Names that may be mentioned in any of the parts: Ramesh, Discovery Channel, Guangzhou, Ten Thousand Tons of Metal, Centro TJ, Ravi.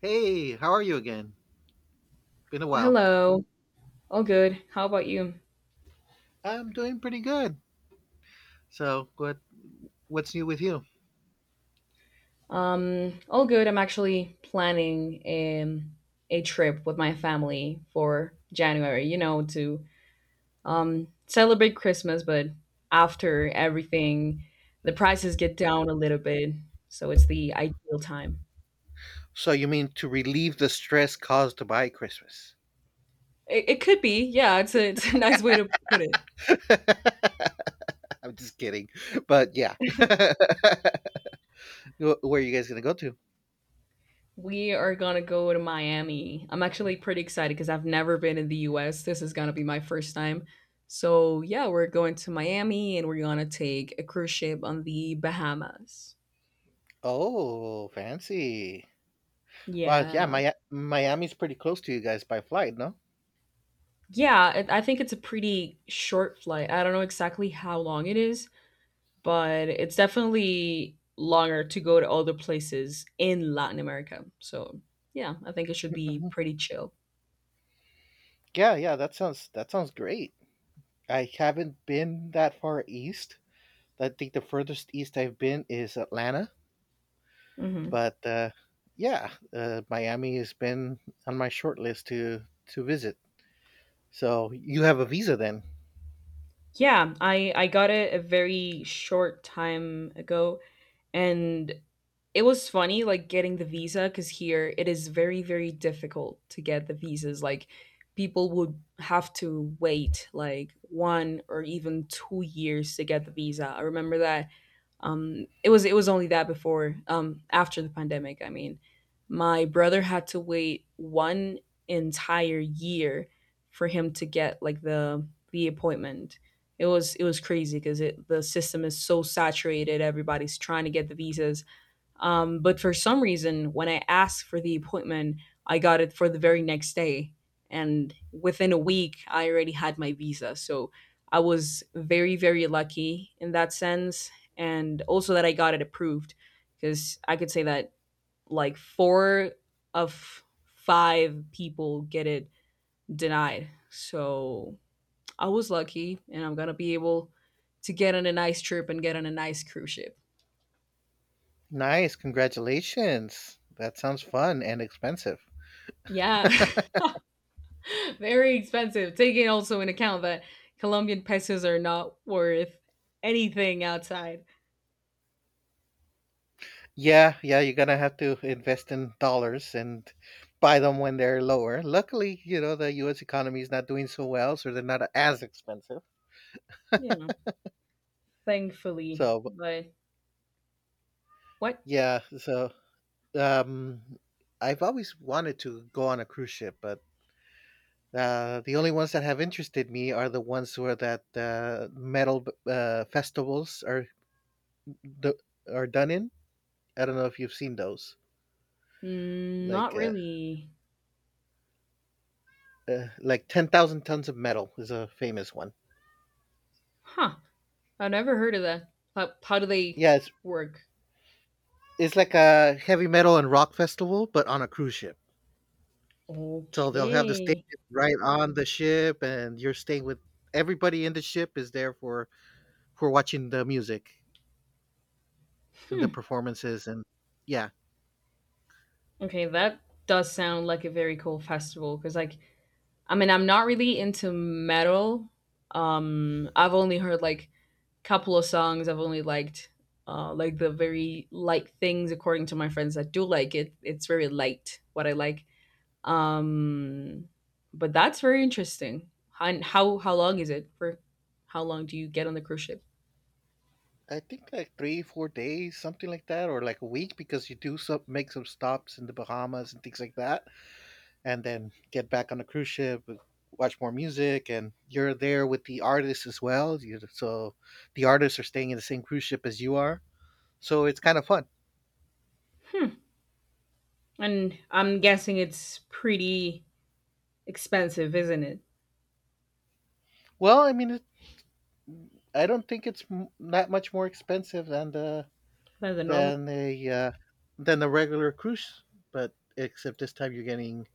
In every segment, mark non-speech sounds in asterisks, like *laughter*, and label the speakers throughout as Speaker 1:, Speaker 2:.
Speaker 1: Hey, how are you again? Been a
Speaker 2: Oh,
Speaker 1: while.
Speaker 2: hello, all good. How about you?
Speaker 1: I'm doing pretty good. So, what what's new with you?
Speaker 2: All good. I'm actually planning um, a trip with my family for January, to celebrate Christmas, but after everything, the prices get down a little bit, so it's the ideal time.
Speaker 1: So, you mean to relieve the stress caused by Christmas?
Speaker 2: It could be, yeah, it's a *laughs* nice way to put it.
Speaker 1: *laughs* I'm just kidding. But yeah. *laughs* Where are you guys going to go to?
Speaker 2: We are gonna go to Miami. I'm actually pretty excited because I've never been in the US. This is gonna be my first time. So, yeah, we're going to Miami and we're gonna take a cruise ship on the Bahamas.
Speaker 1: Oh, fancy. Well, yeah,
Speaker 2: Yeah.
Speaker 1: Miami's pretty close to you guys by flight, no?
Speaker 2: Yeah, it, I think it's a pretty short flight. I don't know exactly how long it is, but it's definitely longer to go to other places in Latin America. So, yeah, I think it should be
Speaker 1: Mhm.
Speaker 2: pretty chill.
Speaker 1: Yeah, yeah, that sounds great. I haven't been that far east. I think the furthest east I've been is Atlanta.
Speaker 2: hmm
Speaker 1: But uh, yeah, Miami has been on my short list to visit. So you have a visa then?
Speaker 2: Yeah, I got it a very short time ago, and it was funny, like, getting the visa, because here it is very, very difficult to get the visas. Like, people would have to wait like one or even 2 years to get the visa. I remember that. It was only that before after the pandemic. I mean, my brother had to wait one entire year for him to get like the appointment. It was crazy because it the system is so saturated. Everybody's trying to get the visas but for some reason, when I asked for the appointment, I got it for the very next day. And within a week, I already had my visa. So I was very, very lucky in that sense. And also that I got it approved because I could say that like four of five people get it denied. So I was lucky and I'm going to be able to get on a nice trip and get on a nice cruise ship.
Speaker 1: Nice, congratulations. That sounds fun and expensive.
Speaker 2: Yeah. *laughs* *laughs* Very expensive. Taking also in account that Colombian pesos are not worth anything outside.
Speaker 1: Yeah, yeah, you're gonna have to invest in dollars and buy them when they're lower. Luckily, you know, the US economy is not doing so well, so they're not as expensive.
Speaker 2: Yeah, thankfully.
Speaker 1: So, but-
Speaker 2: But what?
Speaker 1: yeah, so um I've always wanted to go on a cruise ship, but the only ones that have interested me are the ones where that metal festivals do- are done in. I don't know if you've seen those.
Speaker 2: Mm, not
Speaker 1: Like uh,
Speaker 2: really.
Speaker 1: like 10,000 tons of metal is a famous one.
Speaker 2: Huh. I've never heard of that. How do they
Speaker 1: Yeah, it's
Speaker 2: work?
Speaker 1: it's like a heavy metal and rock festival, but on a cruise ship. So they'll have the stage
Speaker 2: Okay.
Speaker 1: right on the ship, and you're staying with everybody in the ship is there for watching the music and the
Speaker 2: Hmm.
Speaker 1: performances, and yeah,
Speaker 2: Okay, that does sound like a very cool festival because, like, I mean, I'm not really into metal. I've only heard like couple of songs I've only liked, like the very light things. According to my friends that do like it, it's very light what I like. Um, but that's very interesting. And how long is it for? How long do you get on the cruise ship?
Speaker 1: I think like three, 4 days, something like that, or like a week, because you do some make some stops in the Bahamas and things like that, and then get back on the cruise ship, watch more music, and you're there with the artists as well. You so the artists are staying in the same cruise ship as you are, so it's kind of fun.
Speaker 2: And I'm guessing it's pretty expensive, isn't it?
Speaker 1: Well, I mean, I don't think that much more expensive than the
Speaker 2: Than the normal.
Speaker 1: than a than the regular cruise, but except this time you're getting,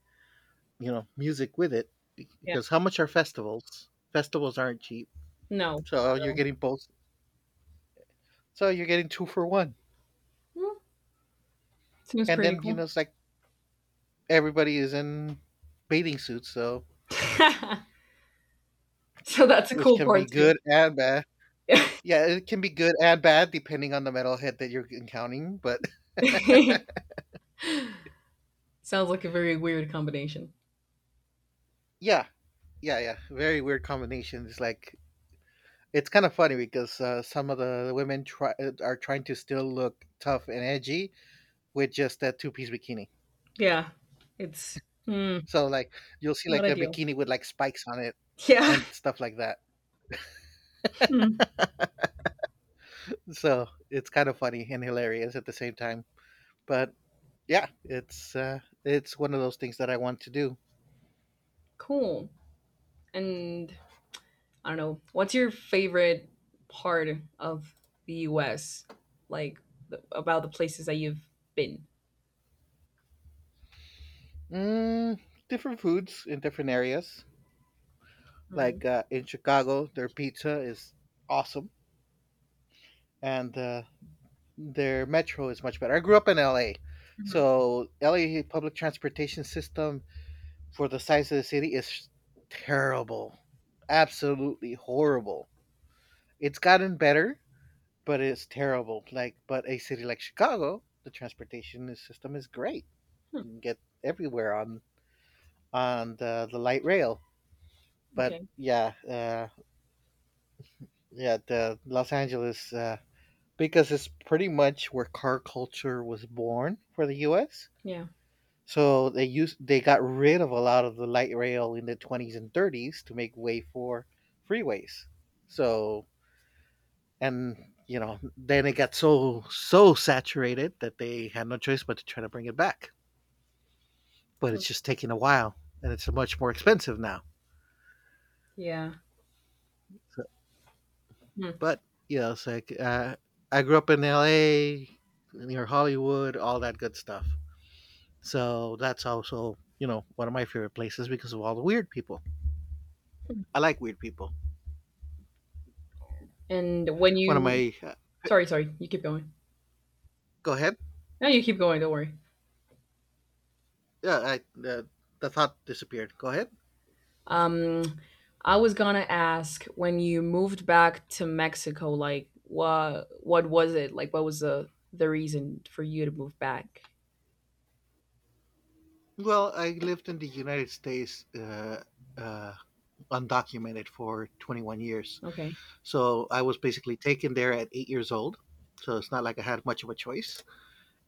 Speaker 1: you know, music with it
Speaker 2: Yeah.
Speaker 1: because how much are festivals? Festivals aren't cheap.
Speaker 2: No,
Speaker 1: So you're getting both. So you're getting two for one.
Speaker 2: well, seems
Speaker 1: And
Speaker 2: pretty
Speaker 1: then, you
Speaker 2: cool.
Speaker 1: know, it's like everybody is in bathing suits, so
Speaker 2: *laughs* so that's a
Speaker 1: which
Speaker 2: cool
Speaker 1: can be
Speaker 2: part too.
Speaker 1: good and bad. Yeah, it can be good and bad depending on the metalhead that you're encountering, but *laughs*
Speaker 2: *laughs* Sounds like a very weird combination.
Speaker 1: yeah, yeah. Very weird combination. It's like it's kind of funny because some of the women try are trying to still look tough and edgy with just that two-piece bikini.
Speaker 2: Yeah. It's. Hmm.
Speaker 1: So like you'll see
Speaker 2: Not
Speaker 1: like a
Speaker 2: ideal.
Speaker 1: bikini with like spikes on it
Speaker 2: Yeah.
Speaker 1: and stuff like that.
Speaker 2: Mm.
Speaker 1: *laughs* So it's kind of funny and hilarious at the same time. But yeah, it's It's one of those things that I want to do.
Speaker 2: Cool. And I don't know. What's your favorite part of the U.S., like, the, about the places that you've been?
Speaker 1: Mm, different foods in different areas.
Speaker 2: Mm.
Speaker 1: In Chicago, their pizza is awesome, and their metro is much better. I grew up in LA,
Speaker 2: Mhm.
Speaker 1: so LA public transportation system for the size of the city is terrible, absolutely horrible. It's gotten better, but it's terrible. Like, but a city like Chicago, the transportation system is great. You can get everywhere on the light rail. But
Speaker 2: Okay.
Speaker 1: yeah, uh, yeah, the Los Angeles, because it's pretty much where car culture was born for the U.S.
Speaker 2: Yeah.
Speaker 1: So they got rid of a lot of the light rail in the 20s and 30s to make way for freeways. So, and you know, then it got so saturated that they had no choice but to try to bring it back, but
Speaker 2: Mm.
Speaker 1: it's just taking a while, and it's much more expensive now.
Speaker 2: Yeah.
Speaker 1: so,
Speaker 2: Mm.
Speaker 1: but you know, it's like I grew up in la near hollywood, all that good stuff, so that's also, you know, one of my favorite places because of all the weird people. I like weird people.
Speaker 2: And when
Speaker 1: one of
Speaker 2: you,
Speaker 1: my uh,
Speaker 2: sorry, sorry, you keep going.
Speaker 1: go ahead
Speaker 2: No, you keep going. Don't worry.
Speaker 1: yeah I the thought disappeared Go ahead.
Speaker 2: Um, I was gonna ask when you moved back to Mexico, like what was it? Like what was the reason for you to move back?
Speaker 1: Well, I lived in the united states uh, undocumented for 21 years.
Speaker 2: Okay.
Speaker 1: So I was basically taken there at 8 years old. So it's not like I had much of a choice.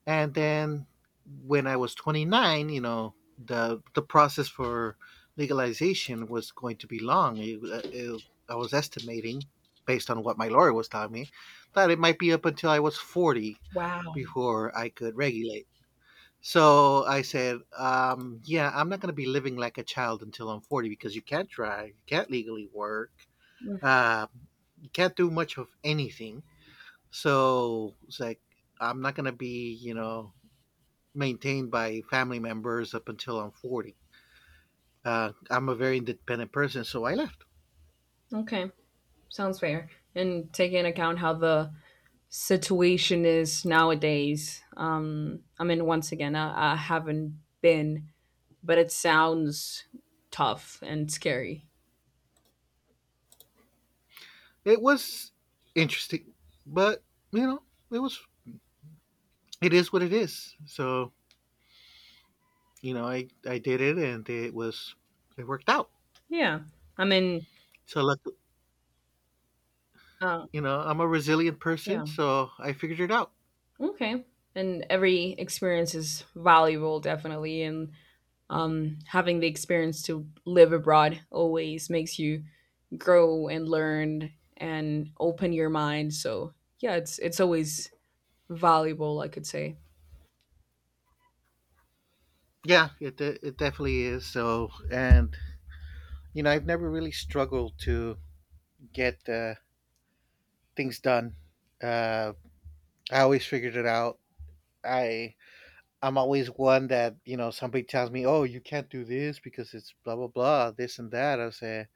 Speaker 1: And then when I was 29, you know, the process for legalization was going to be long. I was estimating, based on what my lawyer was telling me, that it might be up until I was 40
Speaker 2: Wow.
Speaker 1: before I could regulate. So I said, yeah, I'm not going to be living like a child until I'm 40 because you can't drive, you can't legally work,
Speaker 2: Mm,
Speaker 1: uh, you can't do much of anything. So it's like I'm not gonna be, you know, maintained by family members up until I'm 40. I'm a very independent person, so I left.
Speaker 2: okay, sounds fair. And taking into account how the situation is nowadays, I mean, once again, I haven't been, but it sounds tough and scary.
Speaker 1: It was interesting, but you know, it was it is what it is. So you know, I did it, and it worked out.
Speaker 2: Yeah, I mean,
Speaker 1: So look,
Speaker 2: uh,
Speaker 1: you know, I'm a resilient person,
Speaker 2: yeah,
Speaker 1: so I figured it out.
Speaker 2: okay. And every experience is valuable, definitely. And having the experience to live abroad always makes you grow and learn and open your mind. So yeah, it's always valuable, I could say.
Speaker 1: Yeah, it definitely is. So, and you know, I've never really struggled to get things done. Uh, I always figured it out. I I'm always one that, you know, somebody tells me, "Oh, you can't do this because it's blah blah blah, this and that." I say,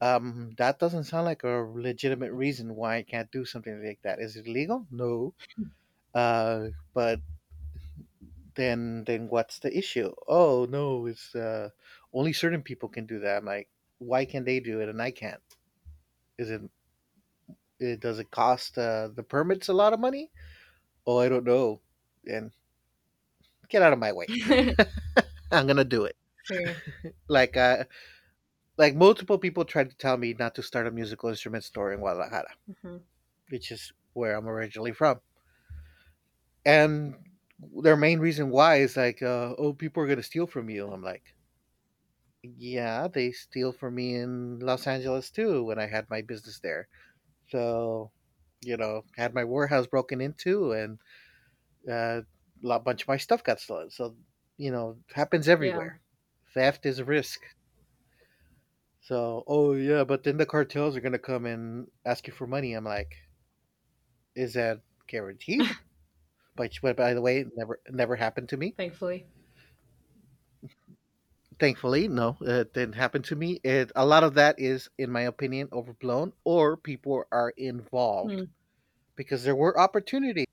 Speaker 1: that doesn't sound like a legitimate reason why I can't do something like that. Is it legal? No. Uh, but then what's the issue? Oh no, it's only certain people can do that. I'm like, why can they do it and I can't? Is it, it does it cost the permits a lot of money? Oh I don't know, and get out of my way.
Speaker 2: *laughs*
Speaker 1: *laughs* I'm gonna do it.
Speaker 2: Fair.
Speaker 1: Like uh like multiple people tried to tell me not to start a musical instrument store in guadalajara,
Speaker 2: hmm
Speaker 1: which is where I'm originally from. And their main reason why is oh people are gonna steal from you. I'm like, yeah, they steal from me in los angeles too when I had my business there. So, you know, had my warehouse broken into, and uh, a bunch of my stuff got stolen, so you know it happens
Speaker 2: Yeah,
Speaker 1: everywhere. Theft is a risk. So, oh yeah, but then the cartels are gonna come and ask you for money. I'm like, is that guaranteed? But by the way, it never happened to me.
Speaker 2: thankfully.
Speaker 1: Thankfully, no, it didn't happen to me. It, a lot of that is, in my opinion, overblown, or people are involved
Speaker 2: Mm.
Speaker 1: because there were opportunities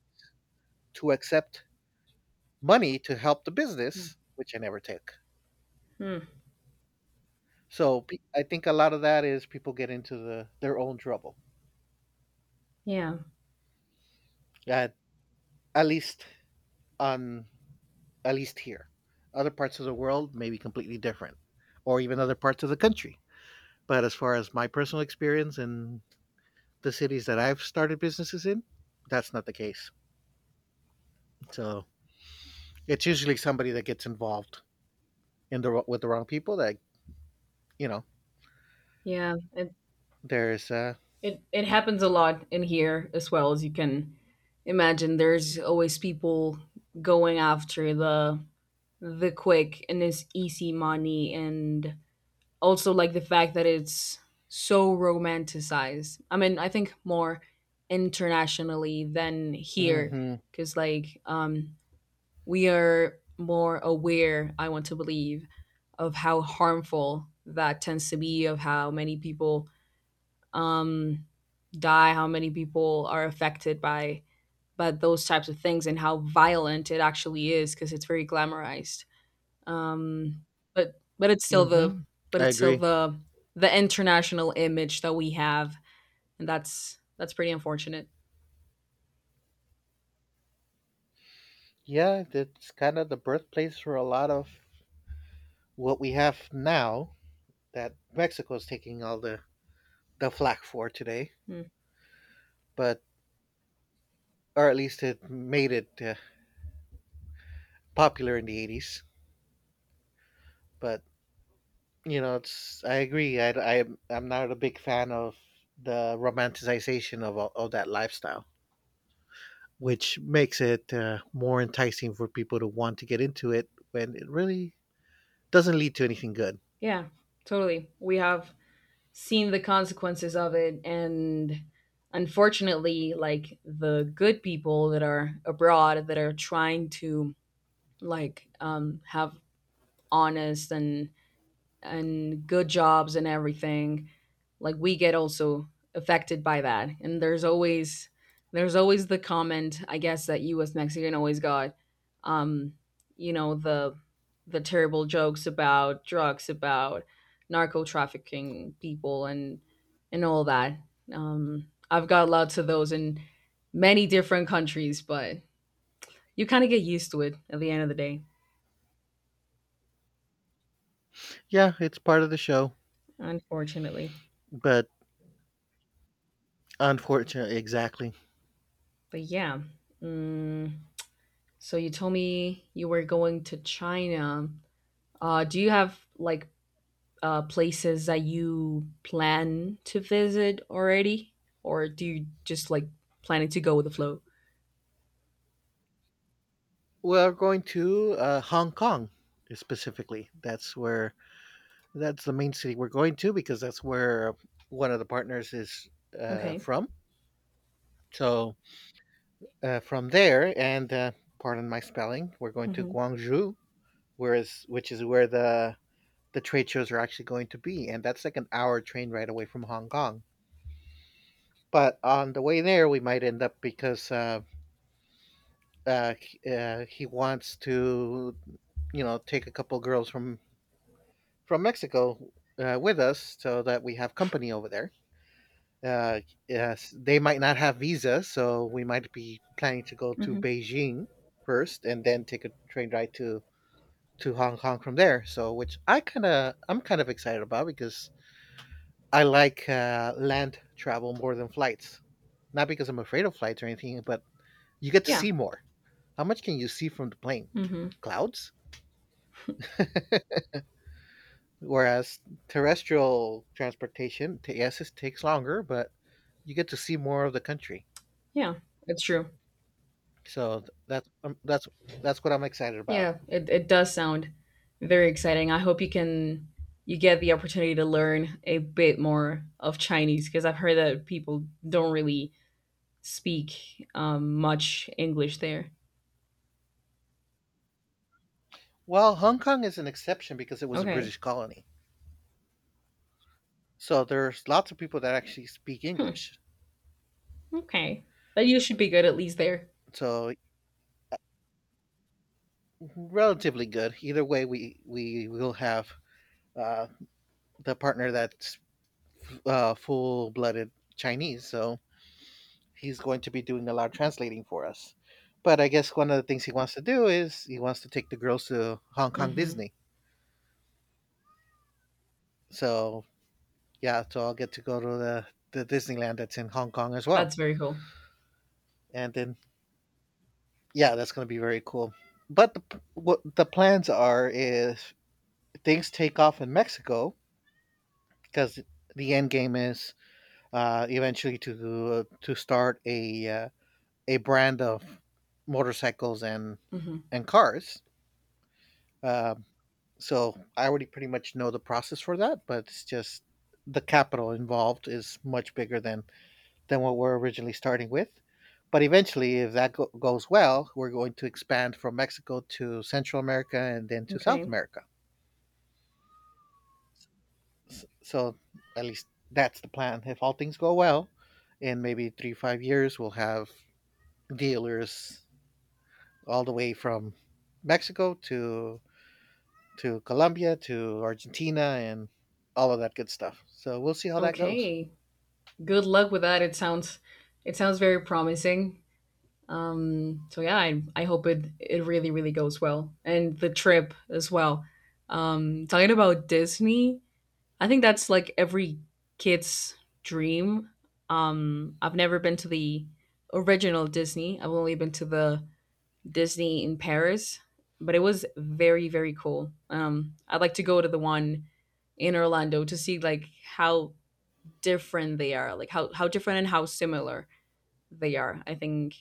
Speaker 1: to accept money to help the
Speaker 2: Yeah.
Speaker 1: business, which I never took.
Speaker 2: Mm.
Speaker 1: I think a lot of that is people get into their own trouble.
Speaker 2: Yeah.
Speaker 1: At at least on at least here. Other parts of the world may be completely different, or even other parts of the country. But as far as my personal experience in the cities that I've started businesses in, that's not the case. So it's usually somebody that gets involved in the with the wrong people. That you know,
Speaker 2: Yeah. It,
Speaker 1: there's
Speaker 2: it happens a lot in here as well as you can imagine. There's always people going after the quick and this easy money, and also like the fact that it's so romanticized. I mean, I think more internationally than here
Speaker 1: Mm-hmm,
Speaker 2: because like we are more aware, I want to believe, of how harmful that tends to be, of how many people um, die, how many people are affected by those types of things, and how violent it actually is because it's very glamorized. Um, but but it's still the
Speaker 1: mm-hmm.
Speaker 2: but
Speaker 1: I
Speaker 2: it's still
Speaker 1: agree.
Speaker 2: the international image that we have, and that's pretty unfortunate.
Speaker 1: Yeah, that's kind of the birthplace for a lot of what we have now, that Mexico's taking all the flack for today,
Speaker 2: Mm.
Speaker 1: but, or at least it made it popular in the 80s. But you know, it's, I, I'm not a big fan of the romanticization of, of that lifestyle, which makes it more enticing for people to want to get into it when it really doesn't lead to anything good.
Speaker 2: Yeah, totally. We have seen the consequences of it, and unfortunately like the good people that are abroad that are trying to like have honest and good jobs and everything, like we get also affected by that. And there's always the comment, I guess, that you as Mexican always got um you know the terrible jokes about drugs, about narco trafficking people and all that. I've got lots of those in many different countries, but you kind of get used to it at the end of the day,
Speaker 1: Yeah, it's part of the show,
Speaker 2: unfortunately.
Speaker 1: but, unfortunately, exactly.
Speaker 2: But yeah. mm, So you told me you were going to China. Do you have like places that you plan to visit already, or do you just like planning to go with the flow?
Speaker 1: We're going to hong kong specifically. That's the main city we're going to, because that's where one of the partners is
Speaker 2: Okay.
Speaker 1: from. So, from there, and, pardon my spelling, we're going to
Speaker 2: Mm-hmm.
Speaker 1: Guangzhou, whereas which is where the trade shows are actually going to be, and that's like an hour train ride away from Hong Kong. But on the way there, we might end up, because he wants to, you know, take a couple girls from Mexico with us so that we have company over there. Uh, yes, they might not have visas, so we might be planning to go to
Speaker 2: Mm-hmm.
Speaker 1: Beijing first, and then take a train ride to Hong Kong from there. So, which I kind of I'm kind of excited about, because I like land travel more than flights. Not because I'm afraid of flights or anything, but you get to
Speaker 2: Yeah.
Speaker 1: see more. How much can you see from the plane?
Speaker 2: Mm-hmm.
Speaker 1: Clouds. *laughs* Whereas terrestrial transportation, yes, it takes longer, but you get to see more of the country.
Speaker 2: Yeah. It's true.
Speaker 1: So th- that's um, that's that's what I'm excited about.
Speaker 2: Yeah. It does sound very exciting. I hope you can you get the opportunity to learn a bit more of Chinese because I've heard that people don't really speak much English there.
Speaker 1: Well, Hong Kong is an exception because it was a
Speaker 2: Okay.
Speaker 1: British colony. So there's lots of people that actually speak
Speaker 2: Hmm.
Speaker 1: English.
Speaker 2: Okay. But you should be good at least there.
Speaker 1: So relatively good. Either way, we will have uh, the partner that's full blooded Chinese, so he's going to be doing a lot of translating for us. But I guess one of the things he wants to do is he wants to take the girls to Hong Kong
Speaker 2: Mhm.
Speaker 1: Disney. So yeah, so I'll get to go to the Disneyland that's in Hong Kong as well,
Speaker 2: That's very cool.
Speaker 1: and then yeah, that's going to be very cool. But what the plans are is things take off in Mexico because the end game is eventually to start a a brand of motorcycles and
Speaker 2: Mhm.
Speaker 1: and cars. Uh, so I already pretty much know the process for that, but it's just the capital involved is much bigger than what we're originally starting with. But eventually, if that goes well, we're going to expand from Mexico to Central America and then to South
Speaker 2: Okay.
Speaker 1: America. So at least that's the plan. If all things go well, in maybe 3 to 5 years, we'll have dealers all the way from Mexico to Colombia to Argentina and all of that good stuff. So we'll see how that goes.
Speaker 2: Okay. Good luck with that. It sounds very promising. So yeah, I hope it really really goes well, and the trip as well. Talking about Disney, I think that's like every kid's dream. I've never been to the original Disney. I've only been to the Disney in Paris, but it was very very cool. I'd like to go to the one in Orlando to see like how different they are, like how different and how similar they are. I think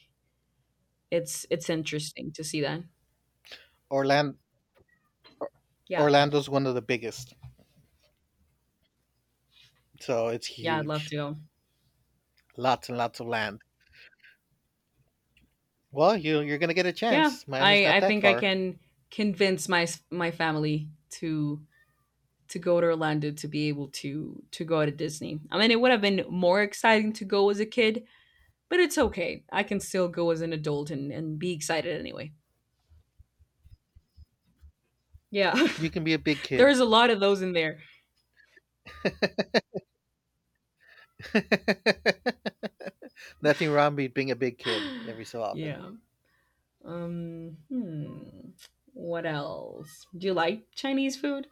Speaker 2: it's interesting to see that.
Speaker 1: Orlando,
Speaker 2: Yeah,
Speaker 1: Orlando's one of the biggest, so it's
Speaker 2: yeah, I'd love
Speaker 1: huge.
Speaker 2: to go.
Speaker 1: Lots and lots of land. Well, you're gonna get a
Speaker 2: Yeah,
Speaker 1: chance. Miami's
Speaker 2: I
Speaker 1: not
Speaker 2: I
Speaker 1: that
Speaker 2: think I
Speaker 1: far.
Speaker 2: can convince my family to go to Orlando to be able to go to Disney. I mean, it would have been more exciting to go as a kid. But it's okay. I can still go as an adult and be excited anyway. Yeah. *laughs*
Speaker 1: You can be a big kid.
Speaker 2: There's
Speaker 1: *laughs*
Speaker 2: a lot of those in there.
Speaker 1: Nothing wrong with being a big kid
Speaker 2: *gasps*
Speaker 1: every so
Speaker 2: *sighs*
Speaker 1: often.
Speaker 2: yeah. Um, hmm. What else? Do you like Chinese food?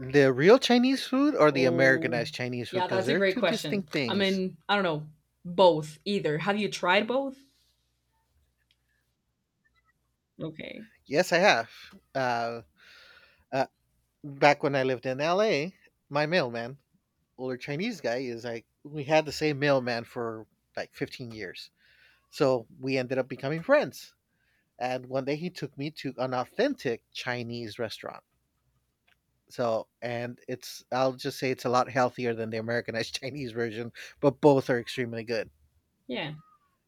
Speaker 1: The real Chinese food or the
Speaker 2: Oh.
Speaker 1: Americanized Chinese food,
Speaker 2: Yeah,
Speaker 1: because
Speaker 2: that's a
Speaker 1: they're
Speaker 2: great
Speaker 1: two
Speaker 2: question.
Speaker 1: distinct
Speaker 2: I
Speaker 1: things.
Speaker 2: mean, I don't know. Both, either. Have you tried both? Okay.
Speaker 1: Yes, I have. Uh, uh, Back when I lived in LA, my mailman, older Chinese guy, is like we had the same mailman for like 15 years. So we ended up becoming friends. And one day he took me to an authentic Chinese restaurant. So and it's I'll just say it's a lot healthier than the Americanized *laughs* Chinese version, but both are extremely good.
Speaker 2: Yeah.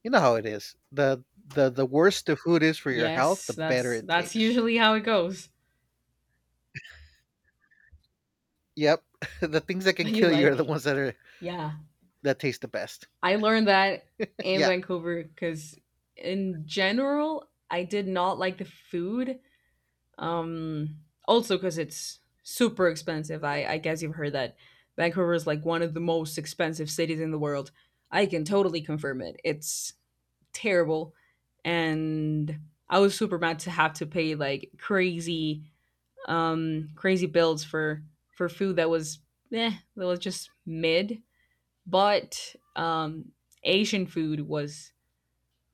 Speaker 1: You know how it is. The worse the food is for your health,
Speaker 2: Yes,
Speaker 1: the better it
Speaker 2: that's
Speaker 1: tastes.
Speaker 2: usually how it goes. *laughs*
Speaker 1: Yep. *laughs* The things that
Speaker 2: But
Speaker 1: can
Speaker 2: you
Speaker 1: kill you are the
Speaker 2: like,
Speaker 1: ones that are
Speaker 2: yeah.
Speaker 1: that taste the best.
Speaker 2: I learned that
Speaker 1: *laughs*
Speaker 2: in
Speaker 1: yeah,
Speaker 2: Vancouver because, in general, I did not like the food. Um, also, because it's super expensive. I guess you've heard that Vancouver is like one of the most expensive cities in the world. I can totally confirm it. It's terrible. And I was super mad to have to pay like crazy, crazy bills for food that was that was just mid. But Asian food was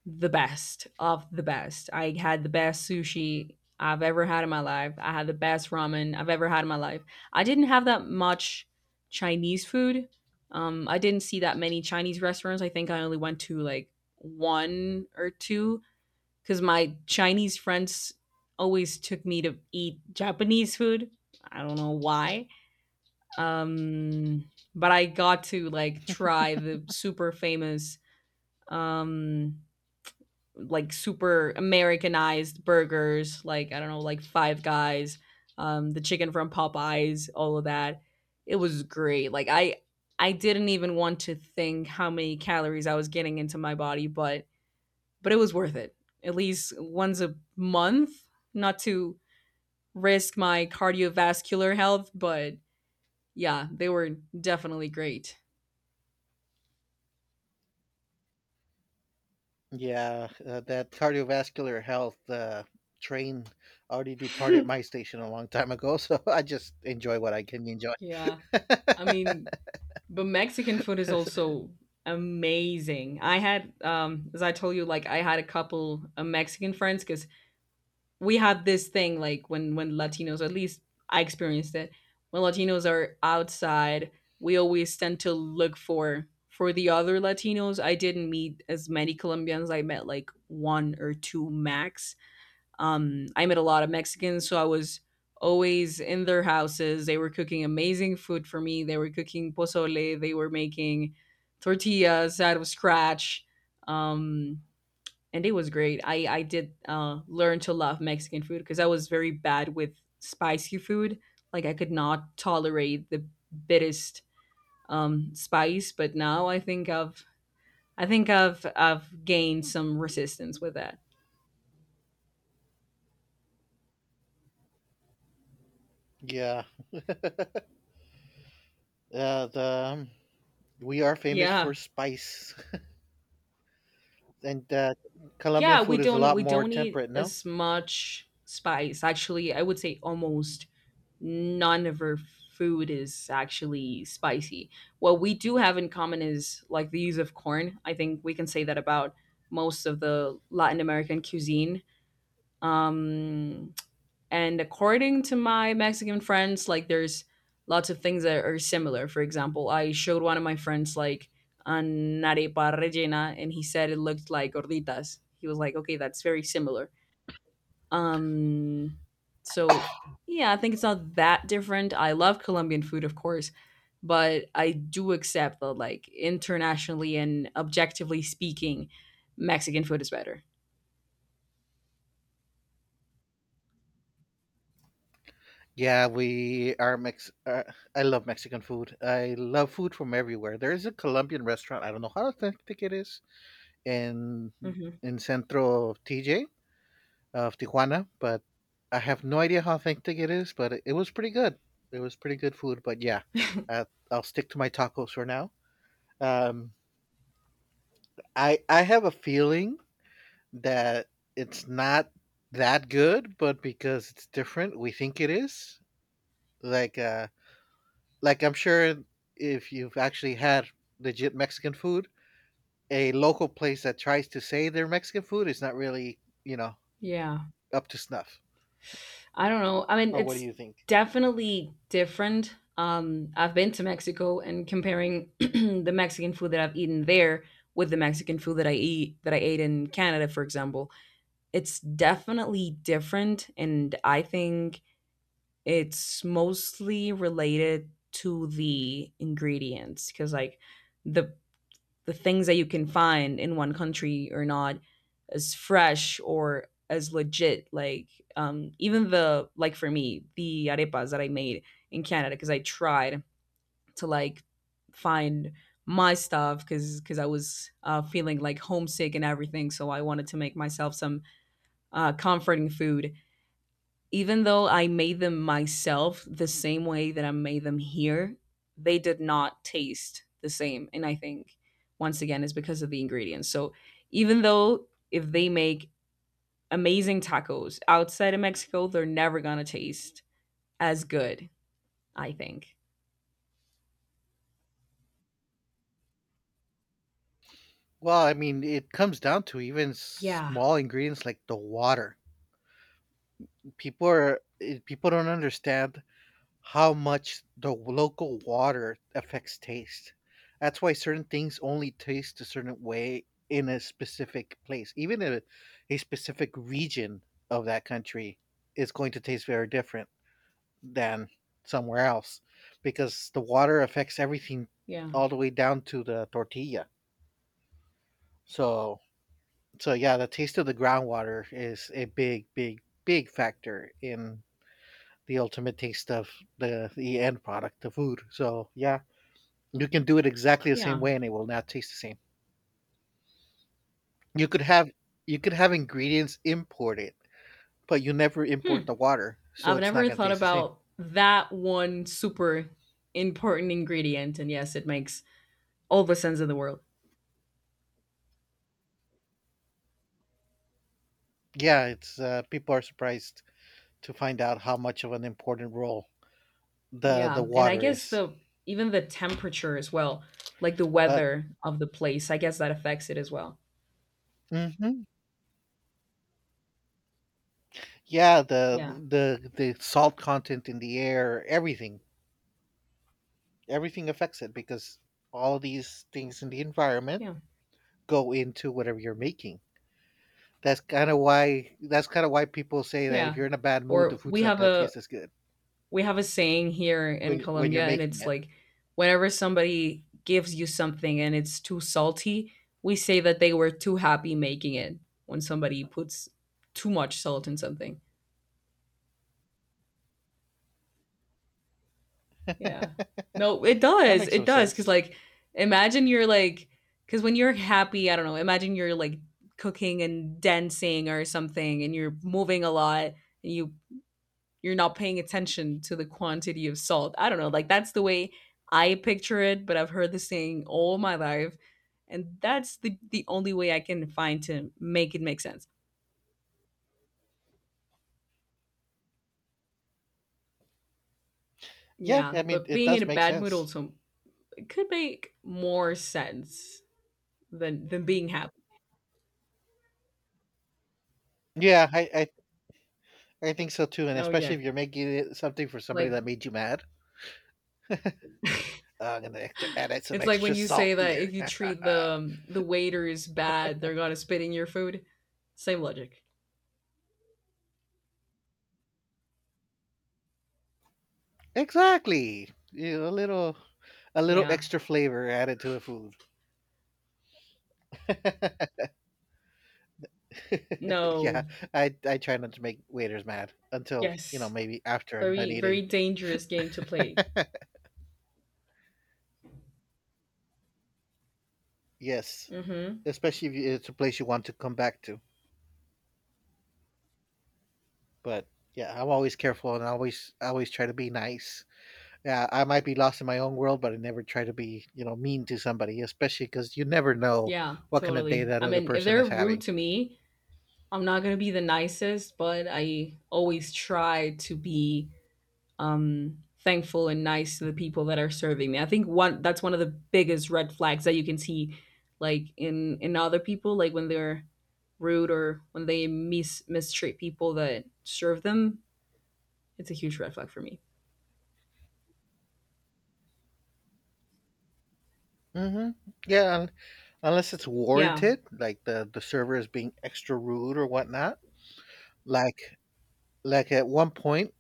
Speaker 2: the best of the best. I had the best sushi I've ever had in my life. I had the best ramen I've ever had in my life. I didn't have that much Chinese food. I didn't see that many Chinese restaurants. I think I only went to like one or two because my Chinese friends always took me to eat Japanese food. I don't know why um, but I got to like try the super famous, um, like super Americanized burgers, like I don't know, like Five Guys, the chicken from Popeyes, all of that. It was great. Like I didn't even want to think how many calories I was getting into my body, but it was worth it. At least once a month, not to risk my cardiovascular health, but yeah, they were definitely great.
Speaker 1: Yeah, that cardiovascular health train already departed
Speaker 2: *laughs*
Speaker 1: my station a long time ago, so *laughs* I just enjoy what I can enjoy.
Speaker 2: Yeah. I mean, but Mexican food is
Speaker 1: *laughs*
Speaker 2: also amazing. I had as I told you, like I had a couple of Mexican friends cuz we had this thing like when Latinos, at least I experienced it, when Latinos are outside, we always tend to look for the other Latinos. I didn't meet as many Colombians. I met like one or two max. I met a lot of Mexicans, so I was always in their houses. They were cooking amazing food for me. They were cooking pozole. They were making tortillas out of scratch. Um, and it was great. I did learn to love Mexican food because I was very bad with spicy food. Like I could not tolerate the bittest spice, but now I think I've gained some resistance with that.
Speaker 1: yeah, the we are famous
Speaker 2: Yeah,
Speaker 1: for spice, and Colombian
Speaker 2: yeah,
Speaker 1: food is a lot
Speaker 2: we
Speaker 1: more
Speaker 2: don't need
Speaker 1: temperate. No,
Speaker 2: as much spice. Actually, I would say almost none of our food is actually spicy. What we do have in common is like the use of corn. I think we can say that about most of the Latin American cuisine. Um and according to my Mexican friends, like there's lots of things that are similar. For example, I showed one of my friends like an arepa rellena, and he said it looked like gorditas. He was like, "Okay, that's very similar." Um, so yeah, I think it's not that different. I love Colombian food, of course, but I do accept that, like internationally and objectively speaking, Mexican food is better.
Speaker 1: yeah, we are Mex. I love Mexican food. I love food from everywhere. There is a Colombian restaurant. I don't know how authentic it is in
Speaker 2: Hmm.
Speaker 1: in Centro TJ. Of Tijuana, but I have no idea how authentic it is, but it was pretty good. It was pretty good food, but yeah, uh, I'll stick to my tacos for now. Um, I have a feeling that it's not that good, but because it's different, we think it is. Like uh, like I'm sure if you've actually had legit Mexican food, a local place that tries to say they're Mexican food is not really you know
Speaker 2: Yeah.
Speaker 1: up to snuff.
Speaker 2: I don't know. I mean,
Speaker 1: Or what do
Speaker 2: it's
Speaker 1: you think?
Speaker 2: definitely different. I've been to Mexico and comparing *clears throat* the Mexican food that I've eaten there with the Mexican food that I eat that I ate in Canada, for example, it's definitely different, and I think it's mostly related to the ingredients because like the the things that you can find in one country are not as fresh or as legit like even the like for me the arepas that I made in canada because I tried to like find my stuff because I was feeling like homesick and everything so I wanted to make myself some comforting food even though I made them myself the same way that I made them here, they did not taste the same. And I think once again it's because of the ingredients. So even though if they make amazing tacos outside of Mexico, they're never gonna taste as good, I think.
Speaker 1: Well, I mean, it comes down to even
Speaker 2: Yeah.
Speaker 1: small ingredients like the water. People are people don't understand how much the local water affects taste. That's why certain things only taste a certain way in a specific place. Even a specific region of that country is going to taste very different than somewhere else because the water affects everything
Speaker 2: Yeah.
Speaker 1: all the way down to the tortilla. So, So yeah, the taste of the groundwater is a big, big, big factor in the ultimate taste of the end product, the food. So yeah, you can do it exactly the same
Speaker 2: Yeah.
Speaker 1: way, and it will not taste the same. You could have you could have ingredients imported, but you never
Speaker 2: Hmm.
Speaker 1: import the water, so
Speaker 2: I've
Speaker 1: it's not
Speaker 2: never
Speaker 1: gonna
Speaker 2: thought
Speaker 1: taste the same.
Speaker 2: about that one super important ingredient. And yes, it makes all the sense in the world.
Speaker 1: Yeah, it's people are surprised to find out how much of an important role the
Speaker 2: Yeah,
Speaker 1: the
Speaker 2: and I
Speaker 1: water
Speaker 2: guess
Speaker 1: is,
Speaker 2: the even the temperature as well, like the
Speaker 1: but.
Speaker 2: weather of the place, I guess that affects it as well.
Speaker 1: Hmm yeah, the
Speaker 2: Yeah.
Speaker 1: the the salt content in the air, everything affects it because all of these things in the environment
Speaker 2: Yeah.
Speaker 1: go into whatever you're making. That's kind of why people say that if
Speaker 2: Yeah.
Speaker 1: you're in a bad mood,
Speaker 2: Or
Speaker 1: the food's not going to taste as good
Speaker 2: we have a saying here in
Speaker 1: when when you're
Speaker 2: Colombia and
Speaker 1: making
Speaker 2: it's
Speaker 1: it.
Speaker 2: like whenever somebody gives you something and it's too salty, we say that they were too happy making it when somebody puts too much salt in something. Yeah. No, it
Speaker 1: That
Speaker 2: does.
Speaker 1: makes
Speaker 2: It
Speaker 1: some
Speaker 2: does. Cause
Speaker 1: sense.
Speaker 2: like imagine you're like because when you're happy, I don't know, imagine you're like cooking and dancing or something and you're moving a lot and you you're not paying attention to the quantity of salt. I don't know, like that's the way I picture it, but I've heard this saying all my life. And that's the only way I can find to make it make sense.
Speaker 1: Yeah,
Speaker 2: Yeah.
Speaker 1: I mean
Speaker 2: But
Speaker 1: it
Speaker 2: being in
Speaker 1: does
Speaker 2: a
Speaker 1: make
Speaker 2: bad mood
Speaker 1: sense.
Speaker 2: also it could make more sense than being happy.
Speaker 1: Yeah, I think so too, and
Speaker 2: Oh
Speaker 1: especially
Speaker 2: yeah.
Speaker 1: if you're making it something for somebody
Speaker 2: Like
Speaker 1: that made you mad. I'm gonna add some
Speaker 2: it's like when
Speaker 1: extra
Speaker 2: you say
Speaker 1: salt
Speaker 2: that if
Speaker 1: here.
Speaker 2: you
Speaker 1: *laughs*
Speaker 2: treat the waiters bad, they're gonna spit in your food. Same logic.
Speaker 1: Exactly, you know, a little
Speaker 2: Yeah.
Speaker 1: extra flavor added to the food. *laughs* *laughs*
Speaker 2: No.
Speaker 1: yeah, I try not to make waiters mad until you know
Speaker 2: Yes.
Speaker 1: maybe after I'm done
Speaker 2: Very very
Speaker 1: eating.
Speaker 2: dangerous game to play.
Speaker 1: Yes,
Speaker 2: Mm-hmm.
Speaker 1: especially if it's a place you want to come back to. But yeah, I'm always careful and I always try to be nice. Yeah, I might be lost in my own world, but I never try to be you know mean to somebody, especially because you never know
Speaker 2: Yeah.
Speaker 1: what kind of day
Speaker 2: Totally.
Speaker 1: that
Speaker 2: I
Speaker 1: other
Speaker 2: mean, if
Speaker 1: person
Speaker 2: they're
Speaker 1: is
Speaker 2: rude
Speaker 1: having.
Speaker 2: to me, I'm not gonna be the nicest, but I always try to be um thankful and nice to the people that are serving me. I think one of the biggest red flags that you can see like in other people like when they're rude or when they mistreat people that serve them. It's a huge red flag for me.
Speaker 1: Hmm Yeah, unless it's
Speaker 2: Yeah.
Speaker 1: warranted, like the server is being extra rude or whatnot. Like like at one point,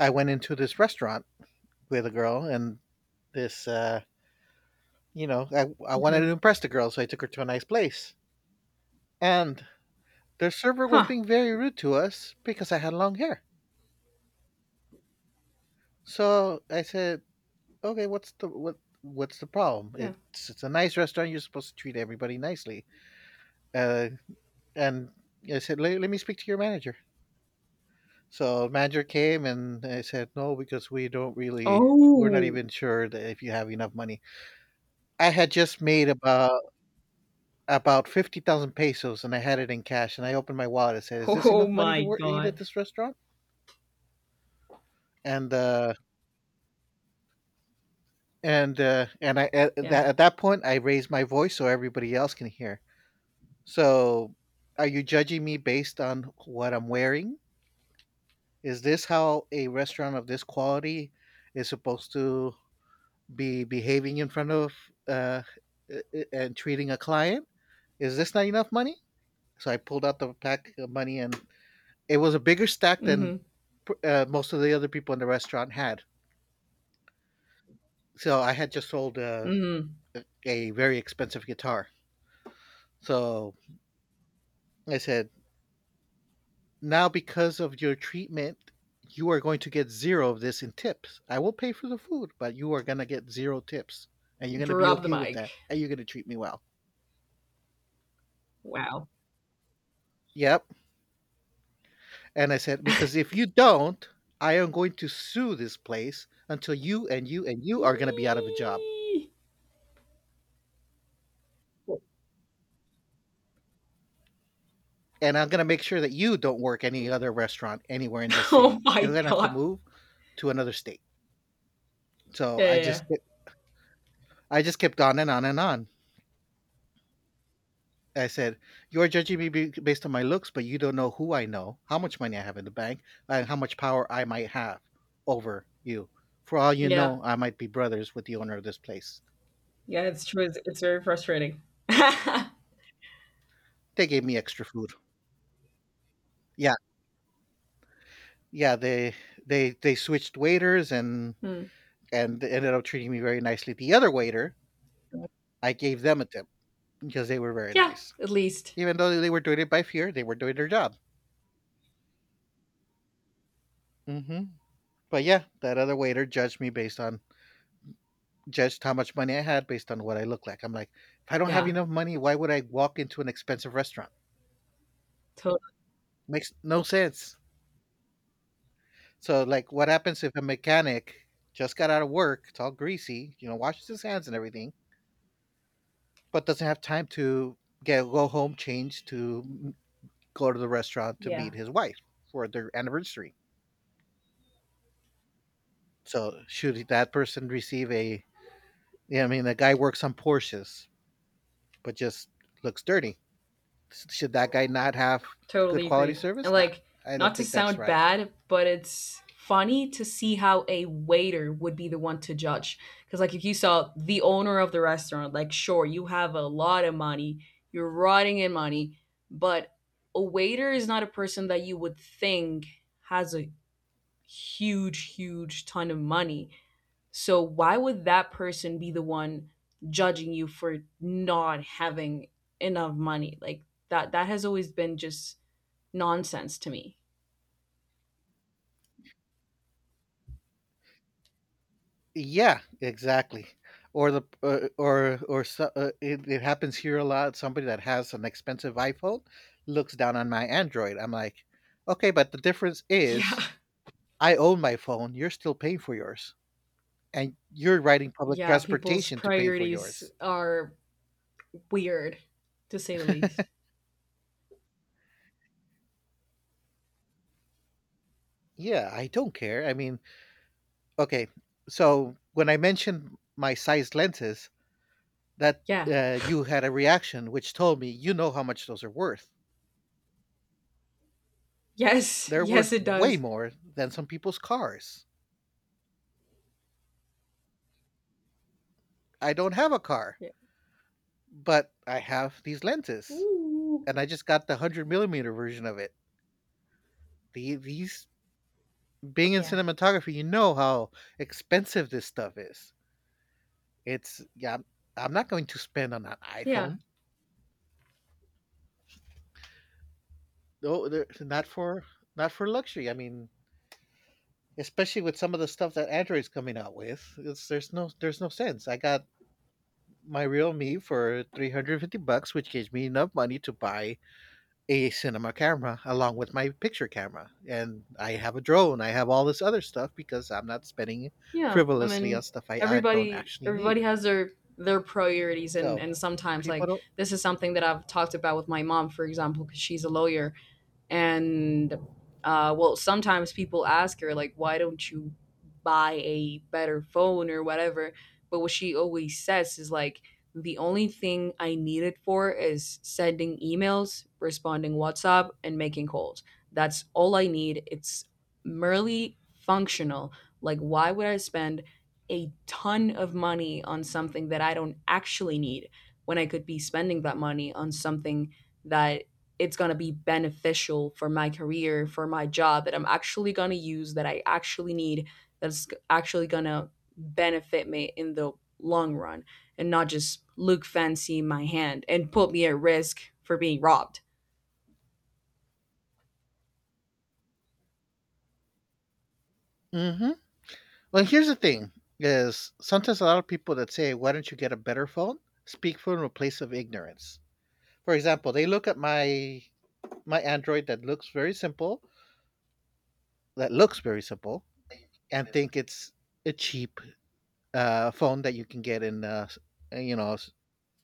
Speaker 1: I went into this restaurant with a girl, and this, uh, you know, I wanted to
Speaker 2: Mhm.
Speaker 1: impress the girl, so I took her to a nice place. And their server was
Speaker 2: Huh.
Speaker 1: being very rude to us because I had long hair. So I said, "Okay, what's the what? What's the problem?
Speaker 2: Yeah.
Speaker 1: It's a nice restaurant. You're supposed to treat everybody nicely." Uh, and I said, "Let me speak to your manager." So manager came and I said, "No, because we don't really, we're not
Speaker 2: Oh. *laughs*
Speaker 1: even sure that if you have enough money." I had just made about 50,000 pesos and I had it in cash and I opened my wallet and said, "Is this
Speaker 2: Oh
Speaker 1: enough money
Speaker 2: my
Speaker 1: to work, eat at
Speaker 2: god.
Speaker 1: this restaurant?" And uh and I
Speaker 2: Yeah.
Speaker 1: at that point I raised my voice so everybody else can hear. So, are you judging me based on what I'm wearing? Is this how a restaurant of this quality is supposed to be behaving in front of uh and treating a client? Is this not enough money? So I pulled out the pack of money and it was a bigger stack than
Speaker 2: Mhm.
Speaker 1: most of the other people in the restaurant had. So I had just sold
Speaker 2: Mhm.
Speaker 1: a very expensive guitar. So I said, now because of your treatment, you are going to get zero of this in tips. I will pay for the food, but you are going to get zero tips. And you're going to be
Speaker 2: Drop the
Speaker 1: okay with
Speaker 2: mic.
Speaker 1: that. And you're going to treat me well.
Speaker 2: Wow.
Speaker 1: Yep. And I said, because if you don't, I am going to sue this place until you are going to be out of a job.
Speaker 2: Eee. *laughs*
Speaker 1: And I'm gonna make sure that you don't work any other restaurant anywhere in this
Speaker 2: Oh
Speaker 1: city.
Speaker 2: my
Speaker 1: You're gonna have to
Speaker 2: god.
Speaker 1: move to another state. So
Speaker 2: Yeah, yeah, yeah.
Speaker 1: I just kept on and on and on. I said, "You are judging me based on my looks, but you don't know who I know, how much money I have in the bank, and how much power I might have over you. For all you
Speaker 2: Yeah.
Speaker 1: know, I might be brothers with the owner of this place."
Speaker 2: Yeah, it's true. It's very frustrating. *laughs*
Speaker 1: They gave me extra food. Yeah, yeah. They they switched waiters
Speaker 2: Hmm.
Speaker 1: and they ended up treating me very nicely. The other waiter, I gave them a tip because they were very
Speaker 2: Yeah,
Speaker 1: nice.
Speaker 2: at least.
Speaker 1: Even though they were doing it by fear, they were doing their job. Hmm But yeah, that other waiter judged me based on judged how much money I had based on what I look like. I'm like, if I don't have
Speaker 2: Yeah,
Speaker 1: enough money, why would I walk into an expensive restaurant?
Speaker 2: totally.
Speaker 1: Makes no sense. So like, what happens if a mechanic just got out of work? It's all greasy, you know, washes his hands and everything, but doesn't have time to get change to go to the restaurant to
Speaker 2: Yeah,
Speaker 1: meet his wife for their anniversary. So should that person receive a yeah, I mean, the guy works on Porsches. But just looks dirty. Should that guy not have good
Speaker 2: totally
Speaker 1: quality
Speaker 2: agreed. And
Speaker 1: service? Nah,
Speaker 2: like,
Speaker 1: I
Speaker 2: not
Speaker 1: don't
Speaker 2: to
Speaker 1: think that's
Speaker 2: sound
Speaker 1: right.
Speaker 2: bad, but it's funny to see how a waiter would be the one to judge. Because like, if you saw the owner of the restaurant, like, sure, you have a lot of money, you're rotting in money, but a waiter is not a person that you would think has a huge, huge ton of money. So why would that person be the one judging you for not having enough money? Like that has always been just nonsense to me.
Speaker 1: Yeah, exactly. Or the or so, it, it happens here a lot. Somebody that has an expensive iPhone looks down on my Android. I'm like, okay, but the difference
Speaker 2: Yeah.
Speaker 1: is I own my phone. You're still paying for yours, and you're riding public
Speaker 2: Yeah, people's
Speaker 1: transportation to pay for
Speaker 2: priorities
Speaker 1: yours.
Speaker 2: are weird to say the least.
Speaker 1: Yeah, I don't care. I mean, okay. So when I mentioned my size lenses, that
Speaker 2: Yeah.
Speaker 1: you had a reaction which told me you know how much those are worth.
Speaker 2: Yes.
Speaker 1: They're
Speaker 2: Yes
Speaker 1: worth
Speaker 2: it
Speaker 1: way
Speaker 2: does.
Speaker 1: more than some people's cars. I don't have a car,
Speaker 2: Yeah.
Speaker 1: but I have these lenses,
Speaker 2: Ooh.
Speaker 1: and I just got the 100 mm millimeter version of it. The, these Being in
Speaker 2: Yeah.
Speaker 1: cinematography, you know how expensive this stuff is. It's yeah, I'm, I'm not going to spend on an
Speaker 2: Yeah.
Speaker 1: iPhone. Not for not for luxury. I mean, especially with some of the stuff that Android's coming out with, there's no sense. I got my real me for 350 bucks, which gives me enough money to buy a cinema camera along with my picture camera. And I have a drone, I have all this other stuff because I'm not spending
Speaker 2: Yeah. I
Speaker 1: frivolously on
Speaker 2: mean
Speaker 1: stuff I don't actually need.
Speaker 2: everybody has their priorities
Speaker 1: So
Speaker 2: and sometimes like
Speaker 1: people
Speaker 2: this is something that I've talked about with my mom for example because she's a lawyer and well sometimes people ask her like why don't you buy a better phone or whatever but what she always says is like the only thing I need it for is sending emails responding whatsapp and making calls that's all I need it's merely functional like why would I spend a ton of money on something that I don't actually need when I could be spending that money on something that it's going to be beneficial for my career, for my job that I'm actually going to use, that I actually need, that's actually going to benefit me in the long run and not just look fancy in my hand and put me at risk for being robbed.
Speaker 1: don't. Well, here's the thing is sometimes a lot of people that say, why don't you get a better phone, speak from a place of ignorance. For example, they look at my Android that looks very simple, and think it's a cheap phone that you can get in, uh, you know,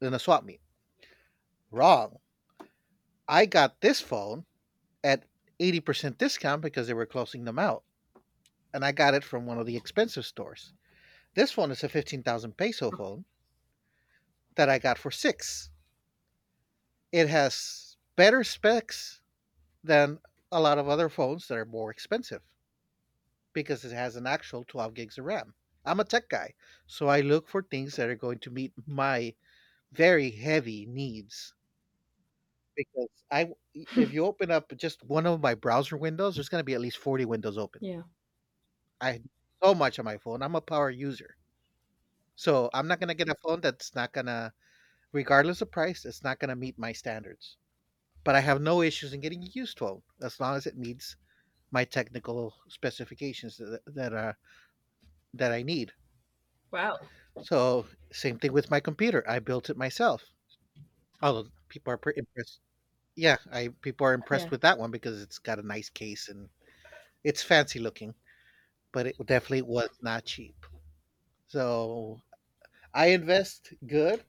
Speaker 1: in a swap meet. Wrong. I got this phone at 80% discount because they were closing them out. And I got it from one of the expensive stores. This one is a 15,000 peso phone that I got for six. It has better specs than a lot of other phones that are more expensive because it has an actual 12 gigs of RAM. I'm a tech guy, so I look for things that are going to meet my very heavy needs. Because I, if you open up just one of my browser windows, there's gonna be at least 40 windows open.
Speaker 2: Yeah.
Speaker 1: I do so much on my phone, I'm a power user. So I'm not gonna get a phone that's not gonna regardless of price, it's not gonna meet my standards. But I have no issues in getting a used phone as long as it meets my technical specifications that I need.
Speaker 2: Wow.
Speaker 1: So, same thing with my computer, I built it myself. Although people are pretty impressed. Yeah, I People are impressed
Speaker 2: Yeah.
Speaker 1: with that one because it's got a nice case and it's fancy looking, but it definitely was not cheap. So I invest good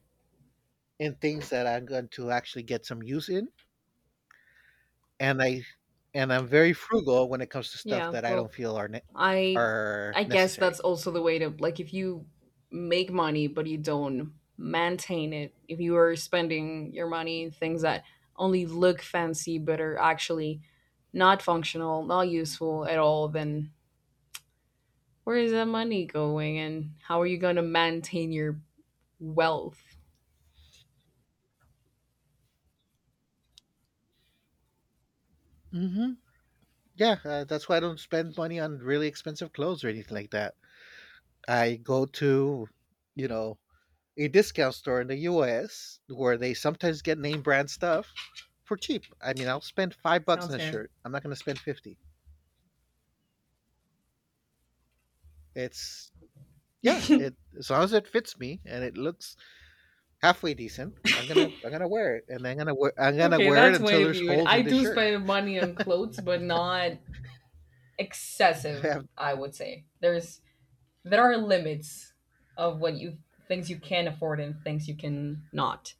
Speaker 1: in things that I'm going to actually get some use in, and I and I'm very frugal when it comes to stuff
Speaker 2: Yeah.
Speaker 1: that I don't
Speaker 2: Well,
Speaker 1: feel are
Speaker 2: I
Speaker 1: are
Speaker 2: I guess
Speaker 1: necessary.
Speaker 2: that's also the way to like if you make money but you don't maintain it, if you are spending your money in things that only look fancy but are actually not functional, not useful at all, then where is that money going and how are you going to maintain your wealth?
Speaker 1: hmm Yeah, that's why I don't spend money on really expensive clothes or anything like that. I go to, you know, a discount store in the U.S. where they sometimes get name brand stuff for cheap. I mean, I'll spend $5
Speaker 2: Sounds
Speaker 1: on a
Speaker 2: fair.
Speaker 1: shirt. I'm not going to spend 50. It's yeah, it as long as it fits me and it looks halfway decent, I'm gonna wear it, and I'm gonna wear I'm gonna
Speaker 2: Okay,
Speaker 1: wear it
Speaker 2: that's my way
Speaker 1: until
Speaker 2: to
Speaker 1: there's
Speaker 2: view it.
Speaker 1: holes
Speaker 2: I
Speaker 1: in the
Speaker 2: do
Speaker 1: shirt.
Speaker 2: spend money on clothes, but not
Speaker 1: *laughs* I
Speaker 2: excessive,
Speaker 1: have-
Speaker 2: I would say. There's there are limits of what you things you can afford and things you can not.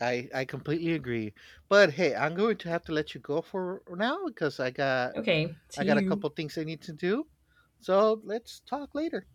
Speaker 1: I completely agree, but hey, I'm going to have to let you go for now because
Speaker 2: Okay, to
Speaker 1: I got a
Speaker 2: you.
Speaker 1: couple things I need to do. So let's talk later.